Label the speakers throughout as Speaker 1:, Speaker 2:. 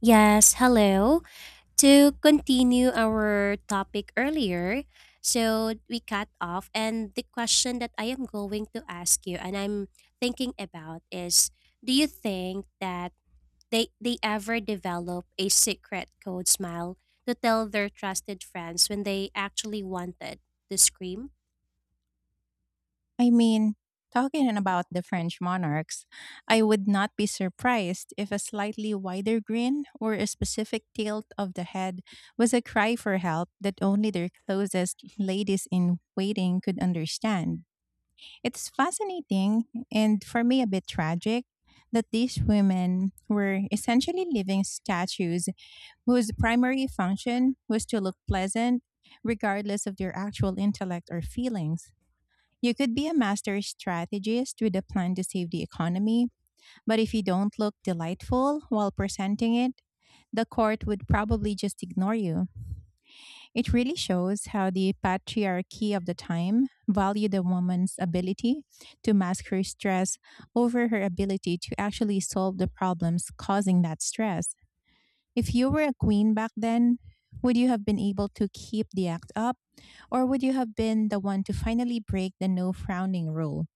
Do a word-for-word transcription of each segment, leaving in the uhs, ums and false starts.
Speaker 1: Yes, hello. To continue our topic earlier, so we cut off, and the question that I am going to ask you and I'm thinking about is, do you think that they, they ever develop a secret code smile to tell their trusted friends when they actually wanted to scream?
Speaker 2: I mean, talking about the French monarchs, I would not be surprised if a slightly wider grin or a specific tilt of the head was a cry for help that only their closest ladies in waiting could understand. It's fascinating and for me a bit tragic that these women were essentially living statues whose primary function was to look pleasant regardless of their actual intellect or feelings. You could be a master strategist with a plan to save the economy, but if you don't look delightful while presenting it, the court would probably just ignore you. It really shows how the patriarchy of the time valued a woman's ability to mask her stress over her ability to actually solve the problems causing that stress. If you were a queen back then, would you have been able to keep the act up, or would you have been the one to finally break the no frowning rule?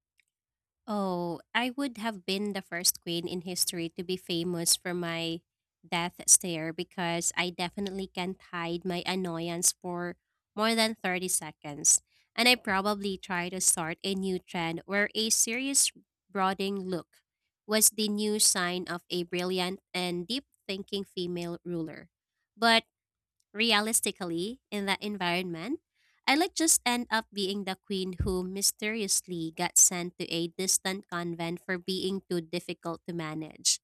Speaker 1: Oh, I would have been the first queen in history to be famous for my death stare, because I definitely can't hide my annoyance for more than thirty seconds. And I probably try to start a new trend where a serious brooding look was the new sign of a brilliant and deep thinking female ruler. But realistically, in that environment, I like just end up being the queen who mysteriously got sent to a distant convent for being too difficult to manage.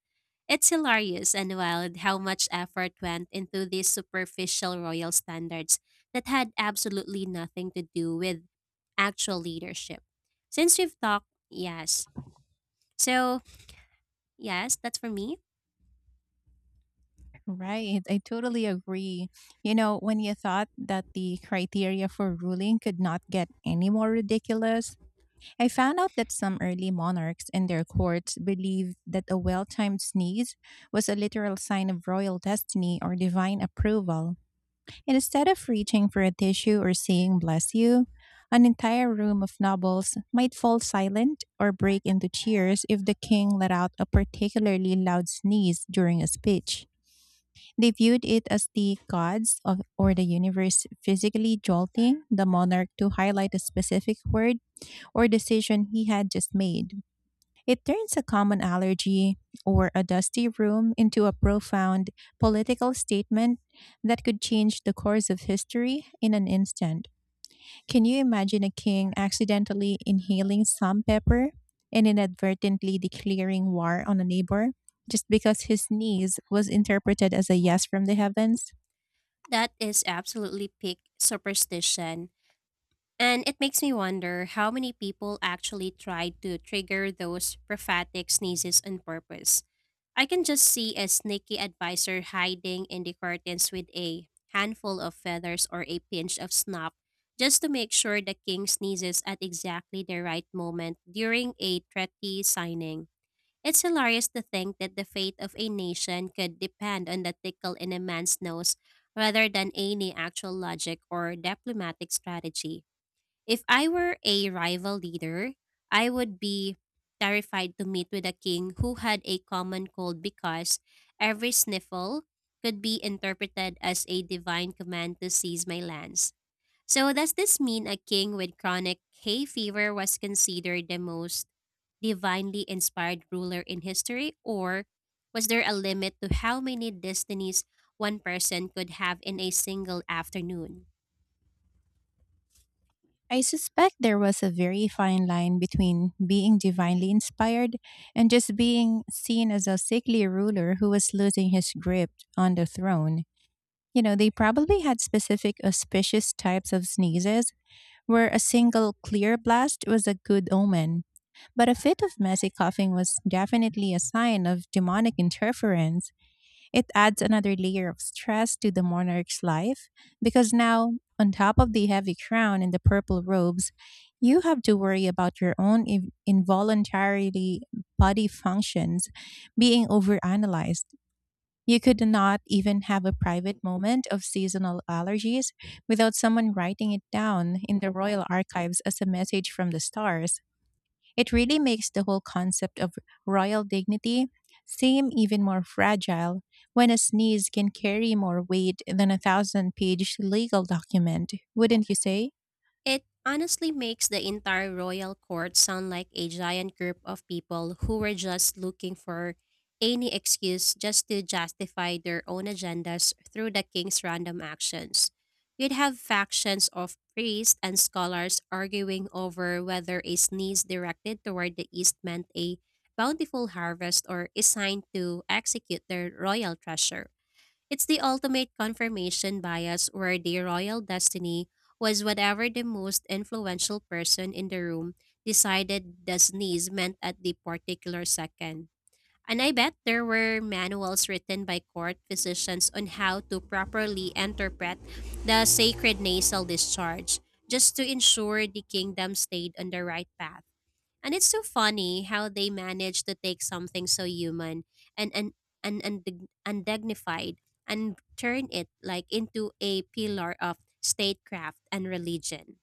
Speaker 1: It's hilarious and wild how much effort went into these superficial royal standards that had absolutely nothing to do with actual leadership. Since we've talked, yes. So, yes, that's for me.
Speaker 2: Right. I totally agree. You know, when you thought that the criteria for ruling could not get any more ridiculous, I found out that some early monarchs and their courts believed that a well timed sneeze was a literal sign of royal destiny or divine approval. And instead of reaching for a tissue or saying, bless you, an entire room of nobles might fall silent or break into cheers if the king let out a particularly loud sneeze during a speech. They viewed it as the gods of, or the universe physically jolting the monarch to highlight a specific word or decision he had just made. It turns a common allergy or a dusty room into a profound political statement that could change the course of history in an instant. Can you imagine a king accidentally inhaling some pepper and inadvertently declaring war on a neighbor just because his sneeze was interpreted as a yes from the heavens?
Speaker 1: That is absolutely peak superstition. And it makes me wonder how many people actually try to trigger those prophetic sneezes on purpose. I can just see a sneaky advisor hiding in the curtains with a handful of feathers or a pinch of snuff, just to make sure the king sneezes at exactly the right moment during a treaty signing. It's hilarious to think that the fate of a nation could depend on the tickle in a man's nose rather than any actual logic or diplomatic strategy. If I were a rival leader, I would be terrified to meet with a king who had a common cold, because every sniffle could be interpreted as a divine command to seize my lands. So, does this mean a king with chronic hay fever was considered the most divinely inspired ruler in history, or was there a limit to how many destinies one person could have in a single afternoon?
Speaker 2: I suspect there was a very fine line between being divinely inspired and just being seen as a sickly ruler who was losing his grip on the throne. You know, they probably had specific auspicious types of sneezes where a single clear blast was a good omen. But a fit of messy coughing was definitely a sign of demonic interference. It adds another layer of stress to the monarch's life because now, on top of the heavy crown and the purple robes, you have to worry about your own inv- involuntarily body functions being overanalyzed. You could not even have a private moment of seasonal allergies without someone writing it down in the royal archives as a message from the stars. It really makes the whole concept of royal dignity seem even more fragile when a sneeze can carry more weight than a thousand page legal document, wouldn't you say?
Speaker 1: It honestly makes the entire royal court sound like a giant group of people who were just looking for any excuse just to justify their own agendas through the king's random actions. You'd have factions of priests and scholars arguing over whether a sneeze directed toward the east meant a bountiful harvest or a sign to execute their royal treasure. It's the ultimate confirmation bias, where the royal destiny was whatever the most influential person in the room decided the sneeze meant at the particular second. And I bet there were manuals written by court physicians on how to properly interpret the sacred nasal discharge, just to ensure the kingdom stayed on the right path. And it's so funny how they manage to take something so human and and and, and dig- undignified, and turn it like into a pillar of statecraft and religion.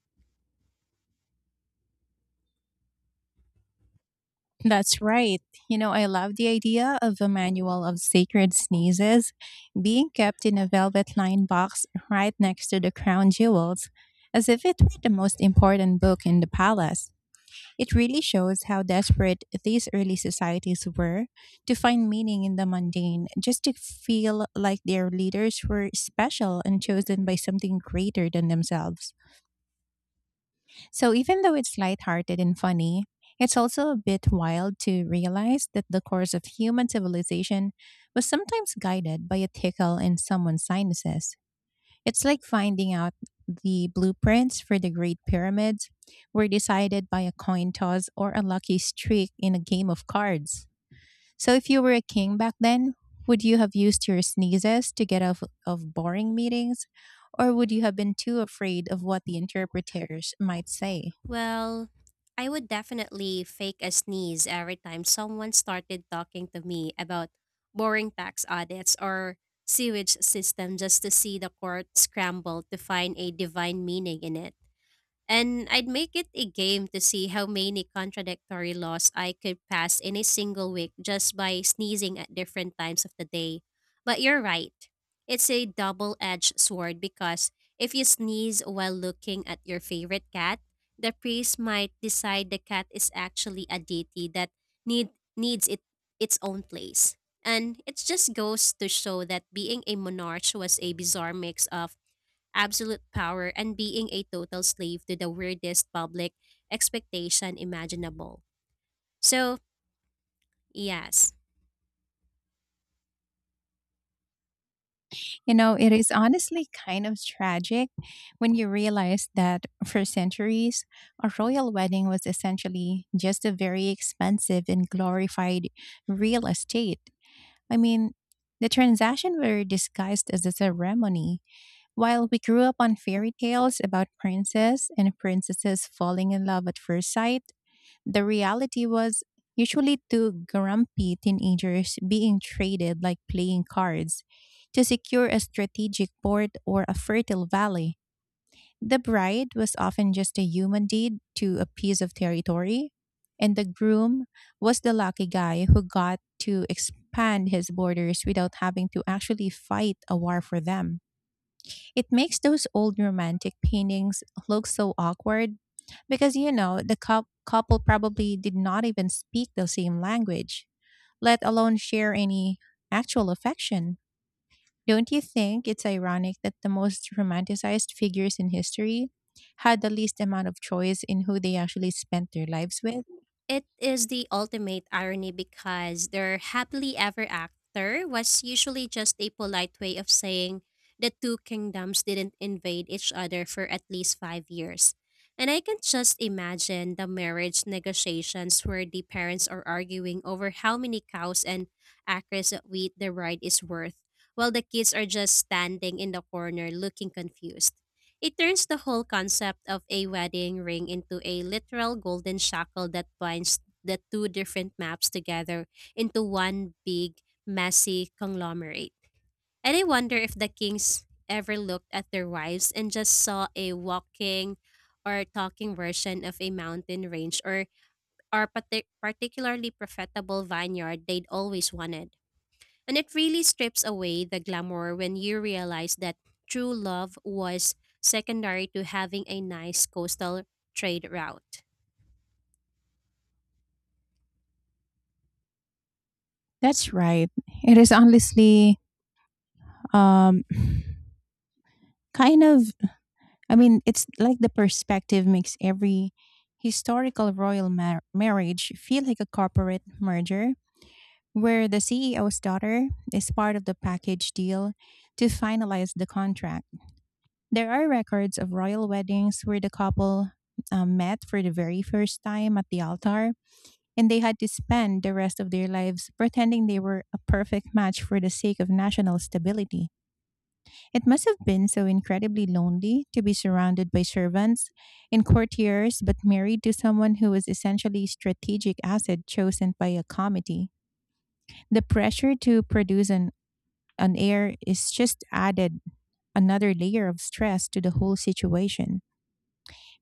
Speaker 2: That's right. You know, I love the idea of a manual of sacred sneezes being kept in a velvet lined box right next to the crown jewels, as if it were the most important book in the palace. It really shows how desperate these early societies were to find meaning in the mundane, just to feel like their leaders were special and chosen by something greater than themselves. So even though it's lighthearted and funny, it's also a bit wild to realize that the course of human civilization was sometimes guided by a tickle in someone's sinuses. It's like finding out the blueprints for the Great Pyramids were decided by a coin toss or a lucky streak in a game of cards. So if you were a king back then, would you have used your sneezes to get out of boring meetings? Or would you have been too afraid of what the interpreters might say?
Speaker 1: Well, I would definitely fake a sneeze every time someone started talking to me about boring tax audits or sewage system, just to see the court scramble to find a divine meaning in it. And I'd make it a game to see how many contradictory laws I could pass in a single week just by sneezing at different times of the day. But you're right. It's a double edged sword, because if you sneeze while looking at your favorite cat, the priest might decide the cat is actually a deity that need, needs it, its own place. And it just goes to show that being a monarch was a bizarre mix of absolute power and being a total slave to the weirdest public expectation imaginable. So, yes.
Speaker 2: You know, it is honestly kind of tragic when you realize that for centuries, a royal wedding was essentially just a very expensive and glorified real estate. I mean, the transactions were disguised as a ceremony. While we grew up on fairy tales about princes and princesses falling in love at first sight, the reality was usually two grumpy teenagers being traded like playing cards to secure a strategic port or a fertile valley. The bride was often just a human deed to a piece of territory, and the groom was the lucky guy who got to expand his borders without having to actually fight a war for them. It makes those old romantic paintings look so awkward because, you know, the cou- couple probably did not even speak the same language, let alone share any actual affection. Don't you think it's ironic that the most romanticized figures in history had the least amount of choice in who they actually spent their lives with?
Speaker 1: It is the ultimate irony, because their happily ever after was usually just a polite way of saying the two kingdoms didn't invade each other for at least five years. And I can just imagine the marriage negotiations where the parents are arguing over how many cows and acres of wheat the bride is worth, while the kids are just standing in the corner looking confused. It turns the whole concept of a wedding ring into a literal golden shackle that binds the two different maps together into one big, messy conglomerate. And I wonder if the kings ever looked at their wives and just saw a walking or talking version of a mountain range, or, or partic- particularly profitable vineyard they'd always wanted. And it really strips away the glamour when you realize that true love was secondary to having a nice coastal trade route.
Speaker 2: That's right. It is honestly um, kind of, I mean, it's like the perspective makes every historical royal mar- marriage feel like a corporate merger where the C E O's daughter is part of the package deal to finalize the contract. There are records of royal weddings where the couple um, met for the very first time at the altar, and they had to spend the rest of their lives pretending they were a perfect match for the sake of national stability. It must have been so incredibly lonely to be surrounded by servants and courtiers, but married to someone who was essentially a strategic asset chosen by a committee. The pressure to produce an, an heir is just added another layer of stress to the whole situation,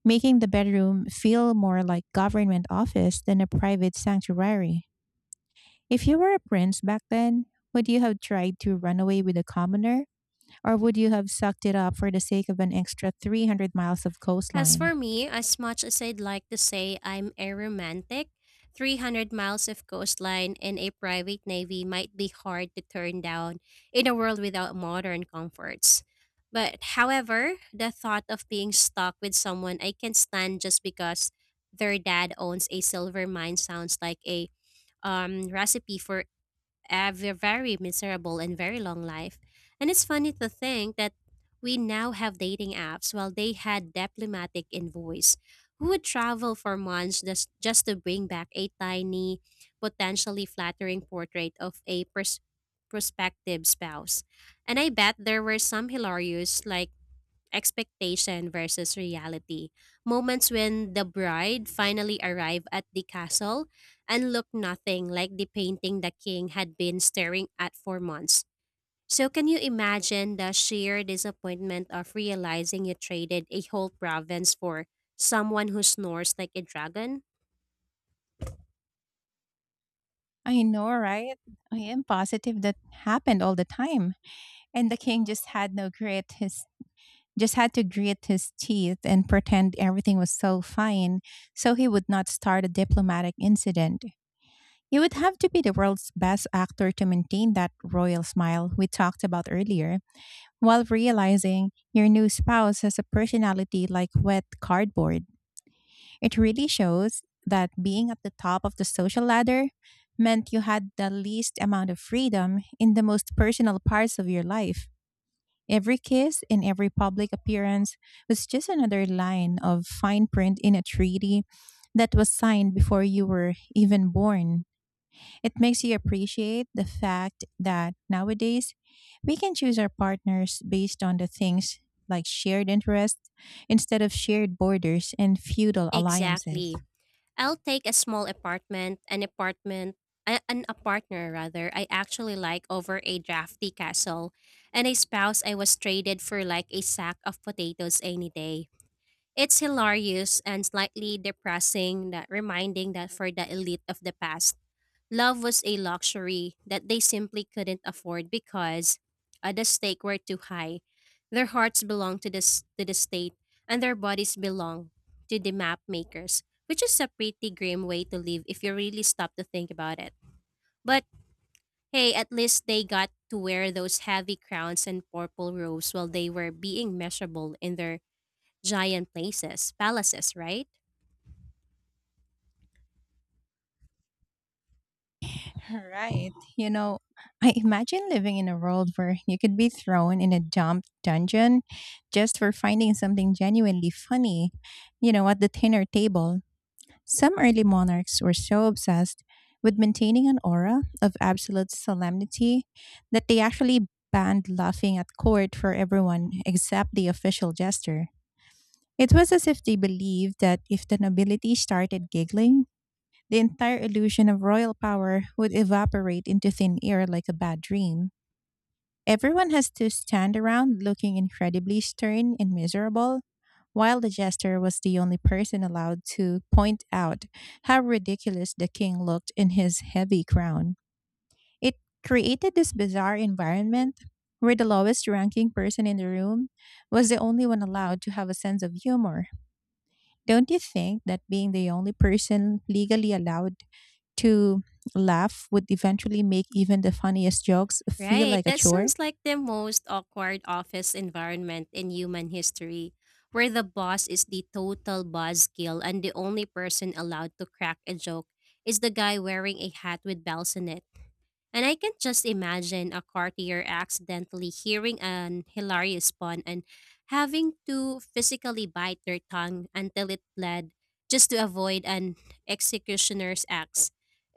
Speaker 2: making the bedroom feel more like government office than a private sanctuary. If you were a prince back then, would you have tried to run away with a commoner? Or would you have sucked it up for the sake of an extra three hundred miles of
Speaker 1: As
Speaker 2: coastline?
Speaker 1: for me, as much as I'd like to say I'm a romantic, three hundred miles of coastline and a private navy might be hard to turn down in a world without modern comforts. But however, the thought of being stuck with someone I can stand just because their dad owns a silver mine sounds like a um, recipe for a ve- very miserable and very long life. And it's funny to think that we now have dating apps while they had diplomatic envoys who would travel for months just, just to bring back a tiny, potentially flattering portrait of a pers- prospective spouse. And I bet there were some hilarious, like, expectation versus reality moments when the bride finally arrived at the castle and looked nothing like the painting the king had been staring at for months. So, can you imagine the sheer disappointment of realizing you traded a whole province for someone who snores like a dragon?
Speaker 2: I know, right? I am positive that happened all the time. And the king just had no grit. His Just had to grit his teeth and pretend everything was so fine so he would not start a diplomatic incident. You would have to be the world's best actor to maintain that royal smile we talked about earlier, while realizing your new spouse has a personality like wet cardboard. It really shows that being at the top of the social ladder meant you had the least amount of freedom in the most personal parts of your life. Every kiss and every public appearance was just another line of fine print in a treaty that was signed before you were even born. It makes you appreciate the fact that nowadays we can choose our partners based on the things like shared interests instead of shared borders and feudal alliances.
Speaker 1: Exactly. I'll take a small apartment, an apartment, a- an apartner rather, I actually like, over a drafty castle, and a spouse I was traded for like a sack of potatoes any day. It's hilarious and slightly depressing, that reminding that for the elite of the past, love was a luxury that they simply couldn't afford, because uh, the stakes were too high. Their hearts belonged to the, s- to the state, and their bodies belonged to the map makers, which is a pretty grim way to live if you really stop to think about it. But hey, at least they got to wear those heavy crowns and purple robes while they were being measurable in their giant places, palaces, right?
Speaker 2: Right. You know, I imagine living in a world where you could be thrown in a damp dungeon just for finding something genuinely funny, you know, at the dinner table. Some early monarchs were so obsessed with maintaining an aura of absolute solemnity that they actually banned laughing at court for everyone except the official jester. It was as if they believed that if the nobility started giggling, the entire illusion of royal power would evaporate into thin air like a bad dream. Everyone has to stand around looking incredibly stern and miserable, while the jester was the only person allowed to point out how ridiculous the king looked in his heavy crown. It created this bizarre environment where the lowest ranking person in the room was the only one allowed to have a sense of humor. Don't you think that being the only person legally allowed to laugh would eventually make even the funniest jokes feel
Speaker 1: Right.
Speaker 2: like a
Speaker 1: That
Speaker 2: chore?
Speaker 1: sounds like the most awkward office environment in human history, where the boss is the total buzzkill and the only person allowed to crack a joke is the guy wearing a hat with bells in it. And I can just imagine a courtier accidentally hearing an hilarious pun and having to physically bite their tongue until it bled just to avoid an executioner's axe,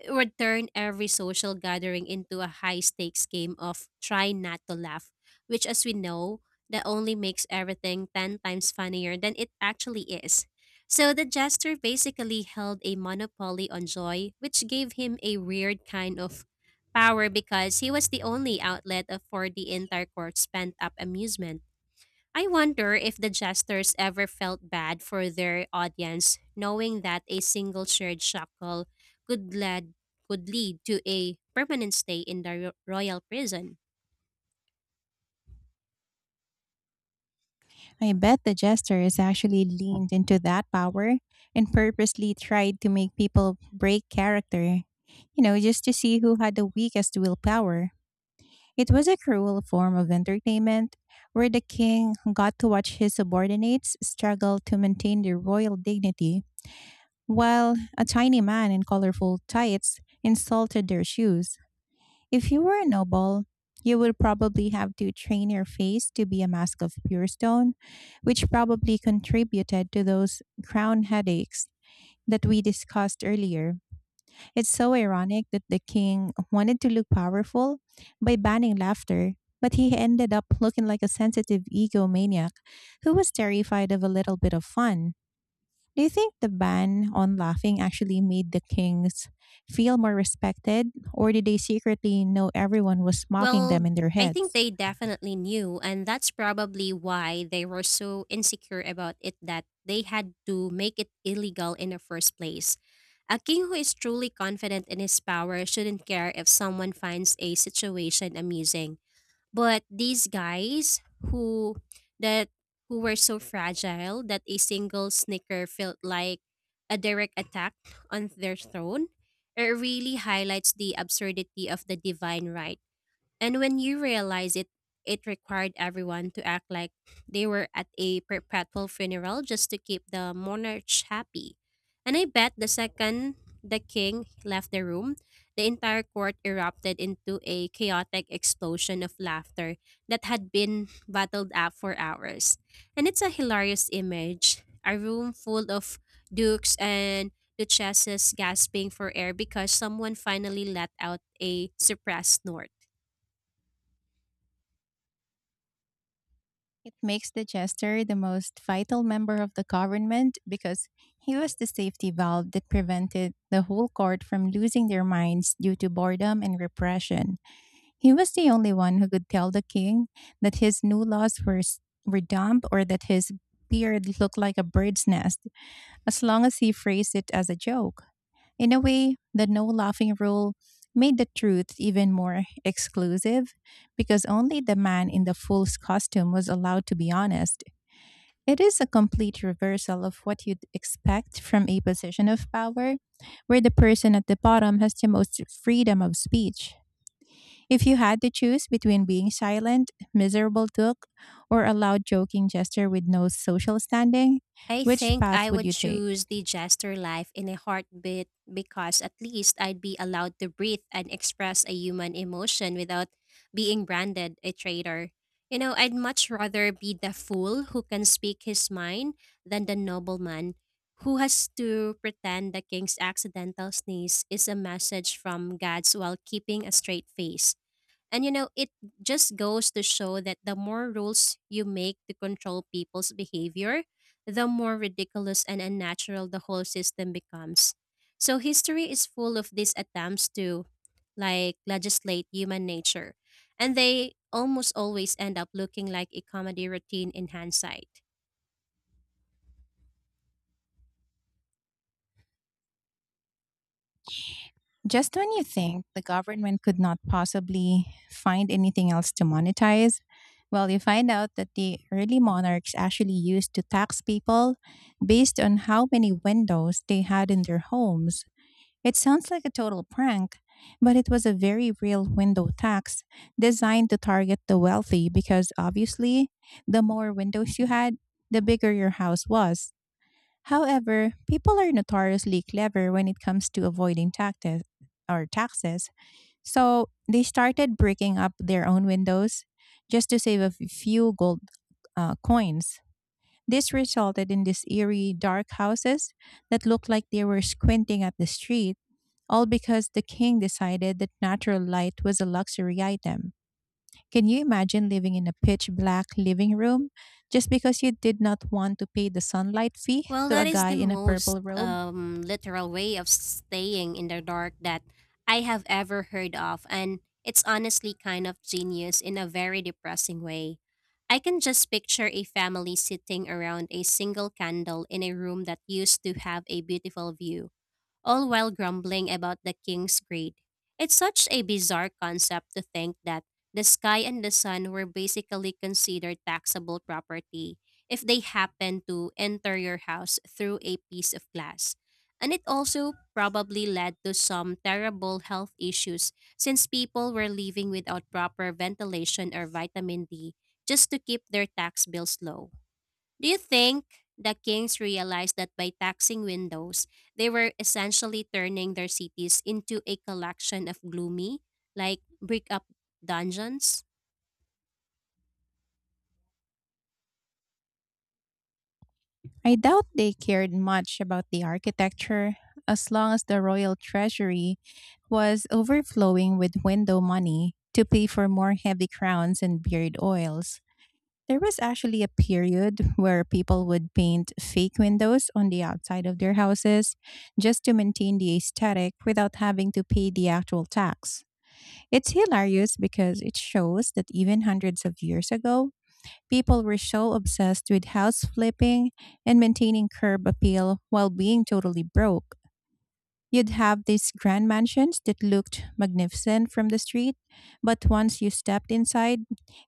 Speaker 1: would turn every social gathering into a high stakes game of try not to laugh, which, as we know, that only makes everything ten times funnier than it actually is. So the jester basically held a monopoly on joy, which gave him a weird kind of power because he was the only outlet of- for the entire court's pent up amusement. I wonder if the jesters ever felt bad for their audience, knowing that a single shared shackle could lead could lead to a permanent stay in the ro- royal prison.
Speaker 2: I bet the jester is actually leaned into that power and purposely tried to make people break character, you know, just to see who had the weakest willpower. It was a cruel form of entertainment where the king got to watch his subordinates struggle to maintain their royal dignity while a tiny man in colorful tights insulted their shoes. If you were a noble, you would probably have to train your face to be a mask of pure stone, which probably contributed to those crown headaches that we discussed earlier. It's so ironic that the king wanted to look powerful by banning laughter, but he ended up looking like a sensitive egomaniac who was terrified of a little bit of fun. Do you think the ban on laughing actually made the kings feel more respected, or did they secretly know everyone was mocking them
Speaker 1: Well,
Speaker 2: in their
Speaker 1: I think
Speaker 2: heads?
Speaker 1: they definitely knew, and that's probably why they were so insecure about it that they had to make it illegal in the first place. A king who is truly confident in his power shouldn't care if someone finds a situation amusing. But these guys who that who were so fragile that a single snicker felt like a direct attack on their throne, it really highlights the absurdity of the divine right, and when you realize it, it required everyone to act like they were at a perpetual funeral just to keep the monarch happy. And I bet the second the king left the room, the entire court erupted into a chaotic explosion of laughter that had been bottled up for hours. And it's a hilarious image, a room full of dukes and duchesses gasping for air because someone finally let out a suppressed snort.
Speaker 2: It makes the jester the most vital member of the government because he was the safety valve that prevented the whole court from losing their minds due to boredom and repression. He was the only one who could tell the king that his new laws were, s- were dumb or that his beard looked like a bird's nest, as long as he phrased it as a joke. In a way, the no laughing rule made the truth even more exclusive because only the man in the fool's costume was allowed to be honest. It is a complete reversal of what you'd expect from a position of power, where the person at the bottom has the most freedom of speech. If you had to choose between being silent, miserable duck, or a loud joking gesture with no social standing,
Speaker 1: I
Speaker 2: which
Speaker 1: think
Speaker 2: path
Speaker 1: I
Speaker 2: would
Speaker 1: would
Speaker 2: you take?
Speaker 1: choose the jester life in a heartbeat, because at least I'd be allowed to breathe and express a human emotion without being branded a traitor. You know, I'd much rather be the fool who can speak his mind than the nobleman who has to pretend the king's accidental sneeze is a message from God's while keeping a straight face. And you know, it just goes to show that the more rules you make to control people's behavior, the more ridiculous and unnatural the whole system becomes. So history is full of these attempts to like legislate human nature, and they almost always end up looking like a comedy routine in hindsight.
Speaker 2: Just when you think the government could not possibly find anything else to monetize, well, you find out that the early monarchs actually used to tax people based on how many windows they had in their homes. It sounds like a total prank, but it was a very real window tax designed to target the wealthy because obviously, the more windows you had, the bigger your house was. However, people are notoriously clever when it comes to avoiding taxes or taxes. So they started breaking up their own windows just to save a f- few gold uh, coins. This resulted in these eerie dark houses that looked like they were squinting at the street, all because the king decided that natural light was a luxury item. Can you imagine living in a pitch black living room just because you did not want to pay the sunlight fee
Speaker 1: Well,
Speaker 2: to a
Speaker 1: that is
Speaker 2: guy
Speaker 1: the
Speaker 2: in a
Speaker 1: most
Speaker 2: purple robe?
Speaker 1: um, literal way of staying in the dark that I have ever heard of, and it's honestly kind of genius in a very depressing way. I can just picture a family sitting around a single candle in a room that used to have a beautiful view, all while grumbling about the king's greed. It's such a bizarre concept to think that the sky and the sun were basically considered taxable property if they happened to enter your house through a piece of glass. And it also probably led to some terrible health issues since people were living without proper ventilation or vitamin D just to keep their tax bills low. Do you think the kings realized that by taxing windows, they were essentially turning their cities into a collection of gloomy, like brick up dungeons?
Speaker 2: I doubt they cared much about the architecture as long as the royal treasury was overflowing with window money to pay for more heavy crowns and beard oils. There was actually a period where people would paint fake windows on the outside of their houses just to maintain the aesthetic without having to pay the actual tax. It's hilarious because it shows that even hundreds of years ago, people were so obsessed with house flipping and maintaining curb appeal while being totally broke. You'd have these grand mansions that looked magnificent from the street, but once you stepped inside,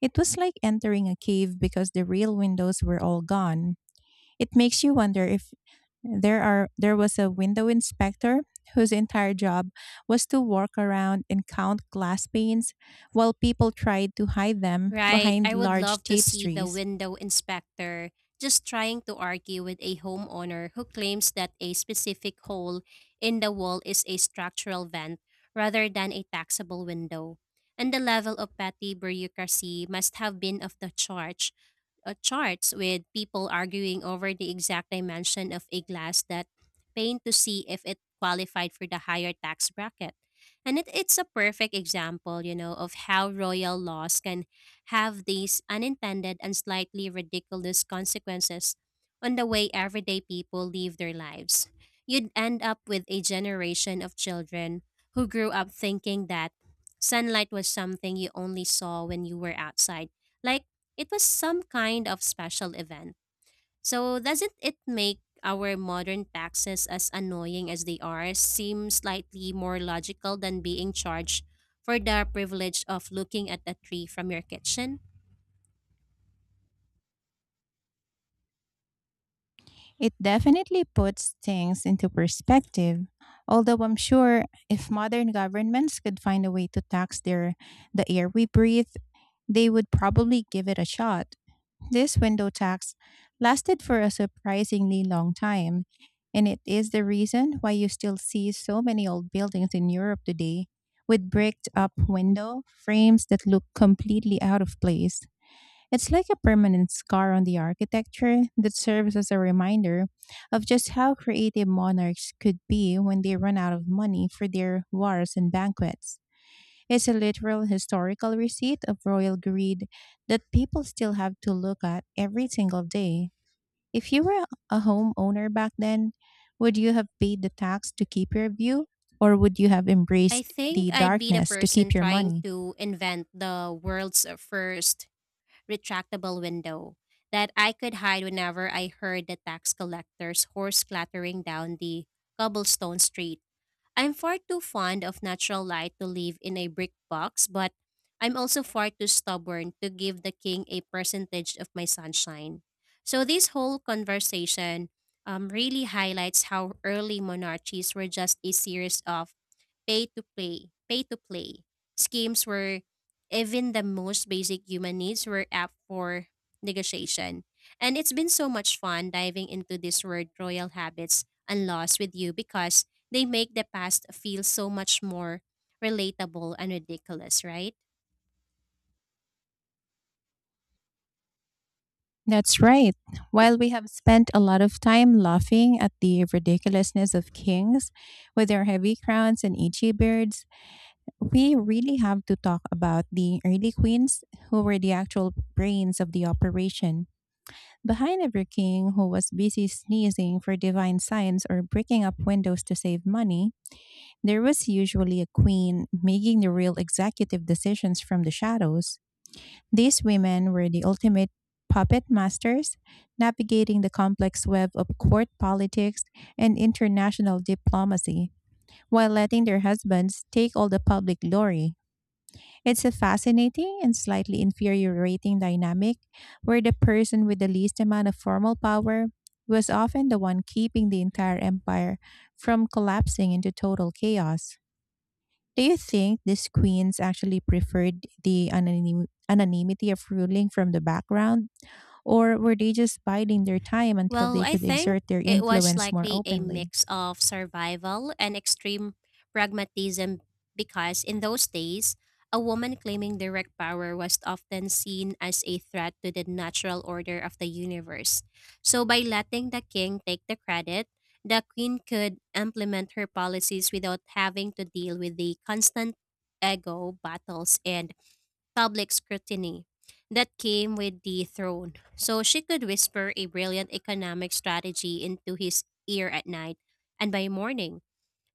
Speaker 2: it was like entering a cave because the real windows were all gone. It makes you wonder if there are there was a window inspector whose entire job was to walk around and count glass panes while people tried to hide them
Speaker 1: Right,
Speaker 2: behind
Speaker 1: I would
Speaker 2: large
Speaker 1: love to see the
Speaker 2: tapestries.
Speaker 1: window inspector just trying to argue with a homeowner who claims that a specific hole in the wall is a structural vent rather than a taxable window. And the level of petty bureaucracy must have been off the charge uh, charts, with people arguing over the exact dimension of a glass that paint to see if it qualified for the higher tax bracket. And it, it's a perfect example, you know, of how royal laws can have these unintended and slightly ridiculous consequences on the way everyday people live their lives. You'd end up with a generation of children who grew up thinking that sunlight was something you only saw when you were outside, like it was some kind of special event. So doesn't it make our modern taxes, as annoying as they are, seem slightly more logical than being charged for the privilege of looking at a tree from your kitchen?
Speaker 2: It definitely puts things into perspective. Although I'm sure if modern governments could find a way to tax their the air we breathe, they would probably give it a shot. This window tax lasted for a surprisingly long time, and it is the reason why you still see so many old buildings in Europe today with bricked up window frames that look completely out of place. It's like a permanent scar on the architecture that serves as a reminder of just how creative monarchs could be when they run out of money for their wars and banquets. It's a literal historical receipt of royal greed that people still have to look at every single day. If you were a homeowner back then, would you have paid the tax to keep your view, or would you have
Speaker 1: I
Speaker 2: embraced
Speaker 1: think
Speaker 2: the
Speaker 1: I'd be the
Speaker 2: darkness to
Speaker 1: person
Speaker 2: keep your
Speaker 1: trying
Speaker 2: money?
Speaker 1: to invent the world's first retractable window that I could hide whenever I heard the tax collector's horse clattering down the cobblestone street. I'm far too fond of natural light to live in a brick box, but I'm also far too stubborn to give the king a percentage of my sunshine. So, this whole conversation um, really highlights how early monarchies were just a series of pay to play, pay to play schemes where even the most basic human needs were up for negotiation. And it's been so much fun diving into this word royal habits and laws with you because they make the past feel so much more relatable and ridiculous, right?
Speaker 2: That's right. While we have spent a lot of time laughing at the ridiculousness of kings with their heavy crowns and itchy beards, we really have to talk about the early queens who were the actual brains of the operation. Behind every king who was busy sneezing for divine signs or breaking up windows to save money, there was usually a queen making the real executive decisions from the shadows. These women were the ultimate puppet masters, navigating the complex web of court politics and international diplomacy, while letting their husbands take all the public glory. It's a fascinating and slightly infuriating dynamic where the person with the least amount of formal power was often the one keeping the entire empire from collapsing into total chaos. Do you think these queens actually preferred the anonym- anonymity of ruling from the background, or were they just biding their time until
Speaker 1: Well,
Speaker 2: they
Speaker 1: I
Speaker 2: could
Speaker 1: think
Speaker 2: exert their
Speaker 1: it was
Speaker 2: influence more
Speaker 1: likely a
Speaker 2: openly?
Speaker 1: mix of survival and extreme pragmatism, because in those days, a woman claiming direct power was often seen as a threat to the natural order of the universe. So, by letting the king take the credit, the queen could implement her policies without having to deal with the constant ego battles and public scrutiny that came with the throne. So she could whisper a brilliant economic strategy into his ear at night, and by morning,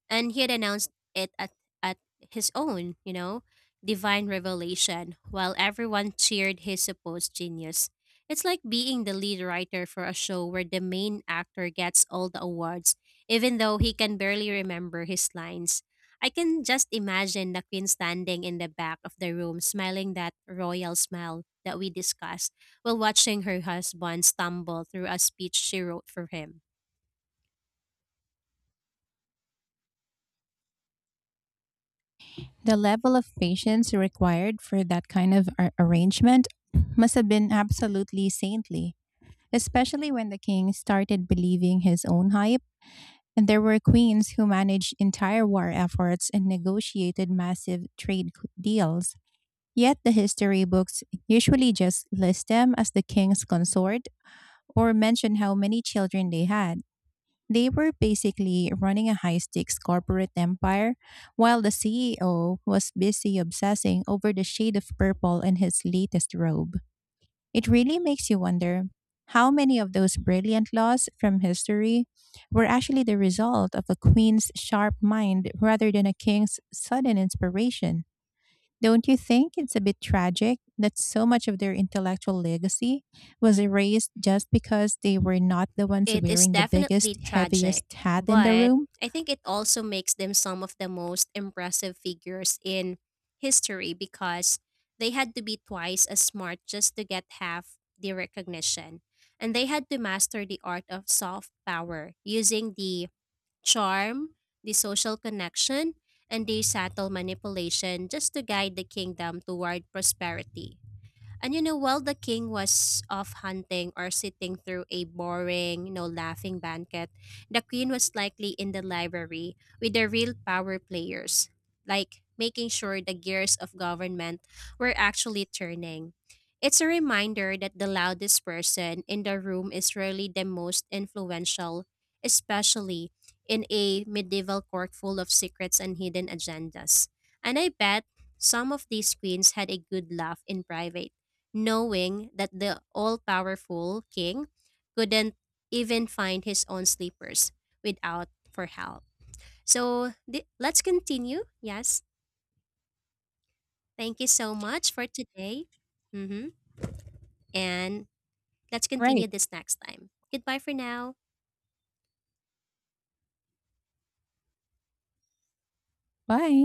Speaker 1: and he had announced it at, at his own, you know, divine revelation, while everyone cheered his supposed genius. It's like being the lead writer for a show where the main actor gets all the awards, even though he can barely remember his lines. I can just imagine the queen standing in the back of the room, smiling that royal smile that we discussed, while watching her husband stumble through a speech she wrote for him.
Speaker 2: The level of patience required for that kind of ar- arrangement must have been absolutely saintly, especially when the king started believing his own hype. And there were queens who managed entire war efforts and negotiated massive trade c- deals. Yet the history books usually just list them as the king's consort or mention how many children they had. They were basically running a high stakes corporate empire while the C E O was busy obsessing over the shade of purple in his latest robe. It really makes you wonder how many of those brilliant laws from history were actually the result of a queen's sharp mind rather than a king's sudden inspiration. Don't you think it's a bit tragic that so much of their intellectual legacy was erased just because they were not the ones
Speaker 1: It is
Speaker 2: wearing the
Speaker 1: definitely
Speaker 2: biggest,
Speaker 1: tragic,
Speaker 2: heaviest hat in the
Speaker 1: but
Speaker 2: room?
Speaker 1: I think it also makes them some of the most impressive figures in history, because they had to be twice as smart just to get half the recognition. And they had to master the art of soft power using the charm, the social connection, and the subtle manipulation just to guide the kingdom toward prosperity. And you know, while the king was off hunting or sitting through a boring, you know, laughing banquet, the queen was likely in the library with the real power players, like making sure the gears of government were actually turning. It's a reminder that the loudest person in the room is rarely the most influential, especially in a medieval court full of secrets and hidden agendas. And I bet some of these queens had a good laugh in private, knowing that the all powerful king couldn't even find his own sleepers without for help. So th- let's continue. Yes. Thank you so much for today. Mm-hmm. And let's
Speaker 2: Right.
Speaker 1: continue this next time. Goodbye for now.
Speaker 2: Bye.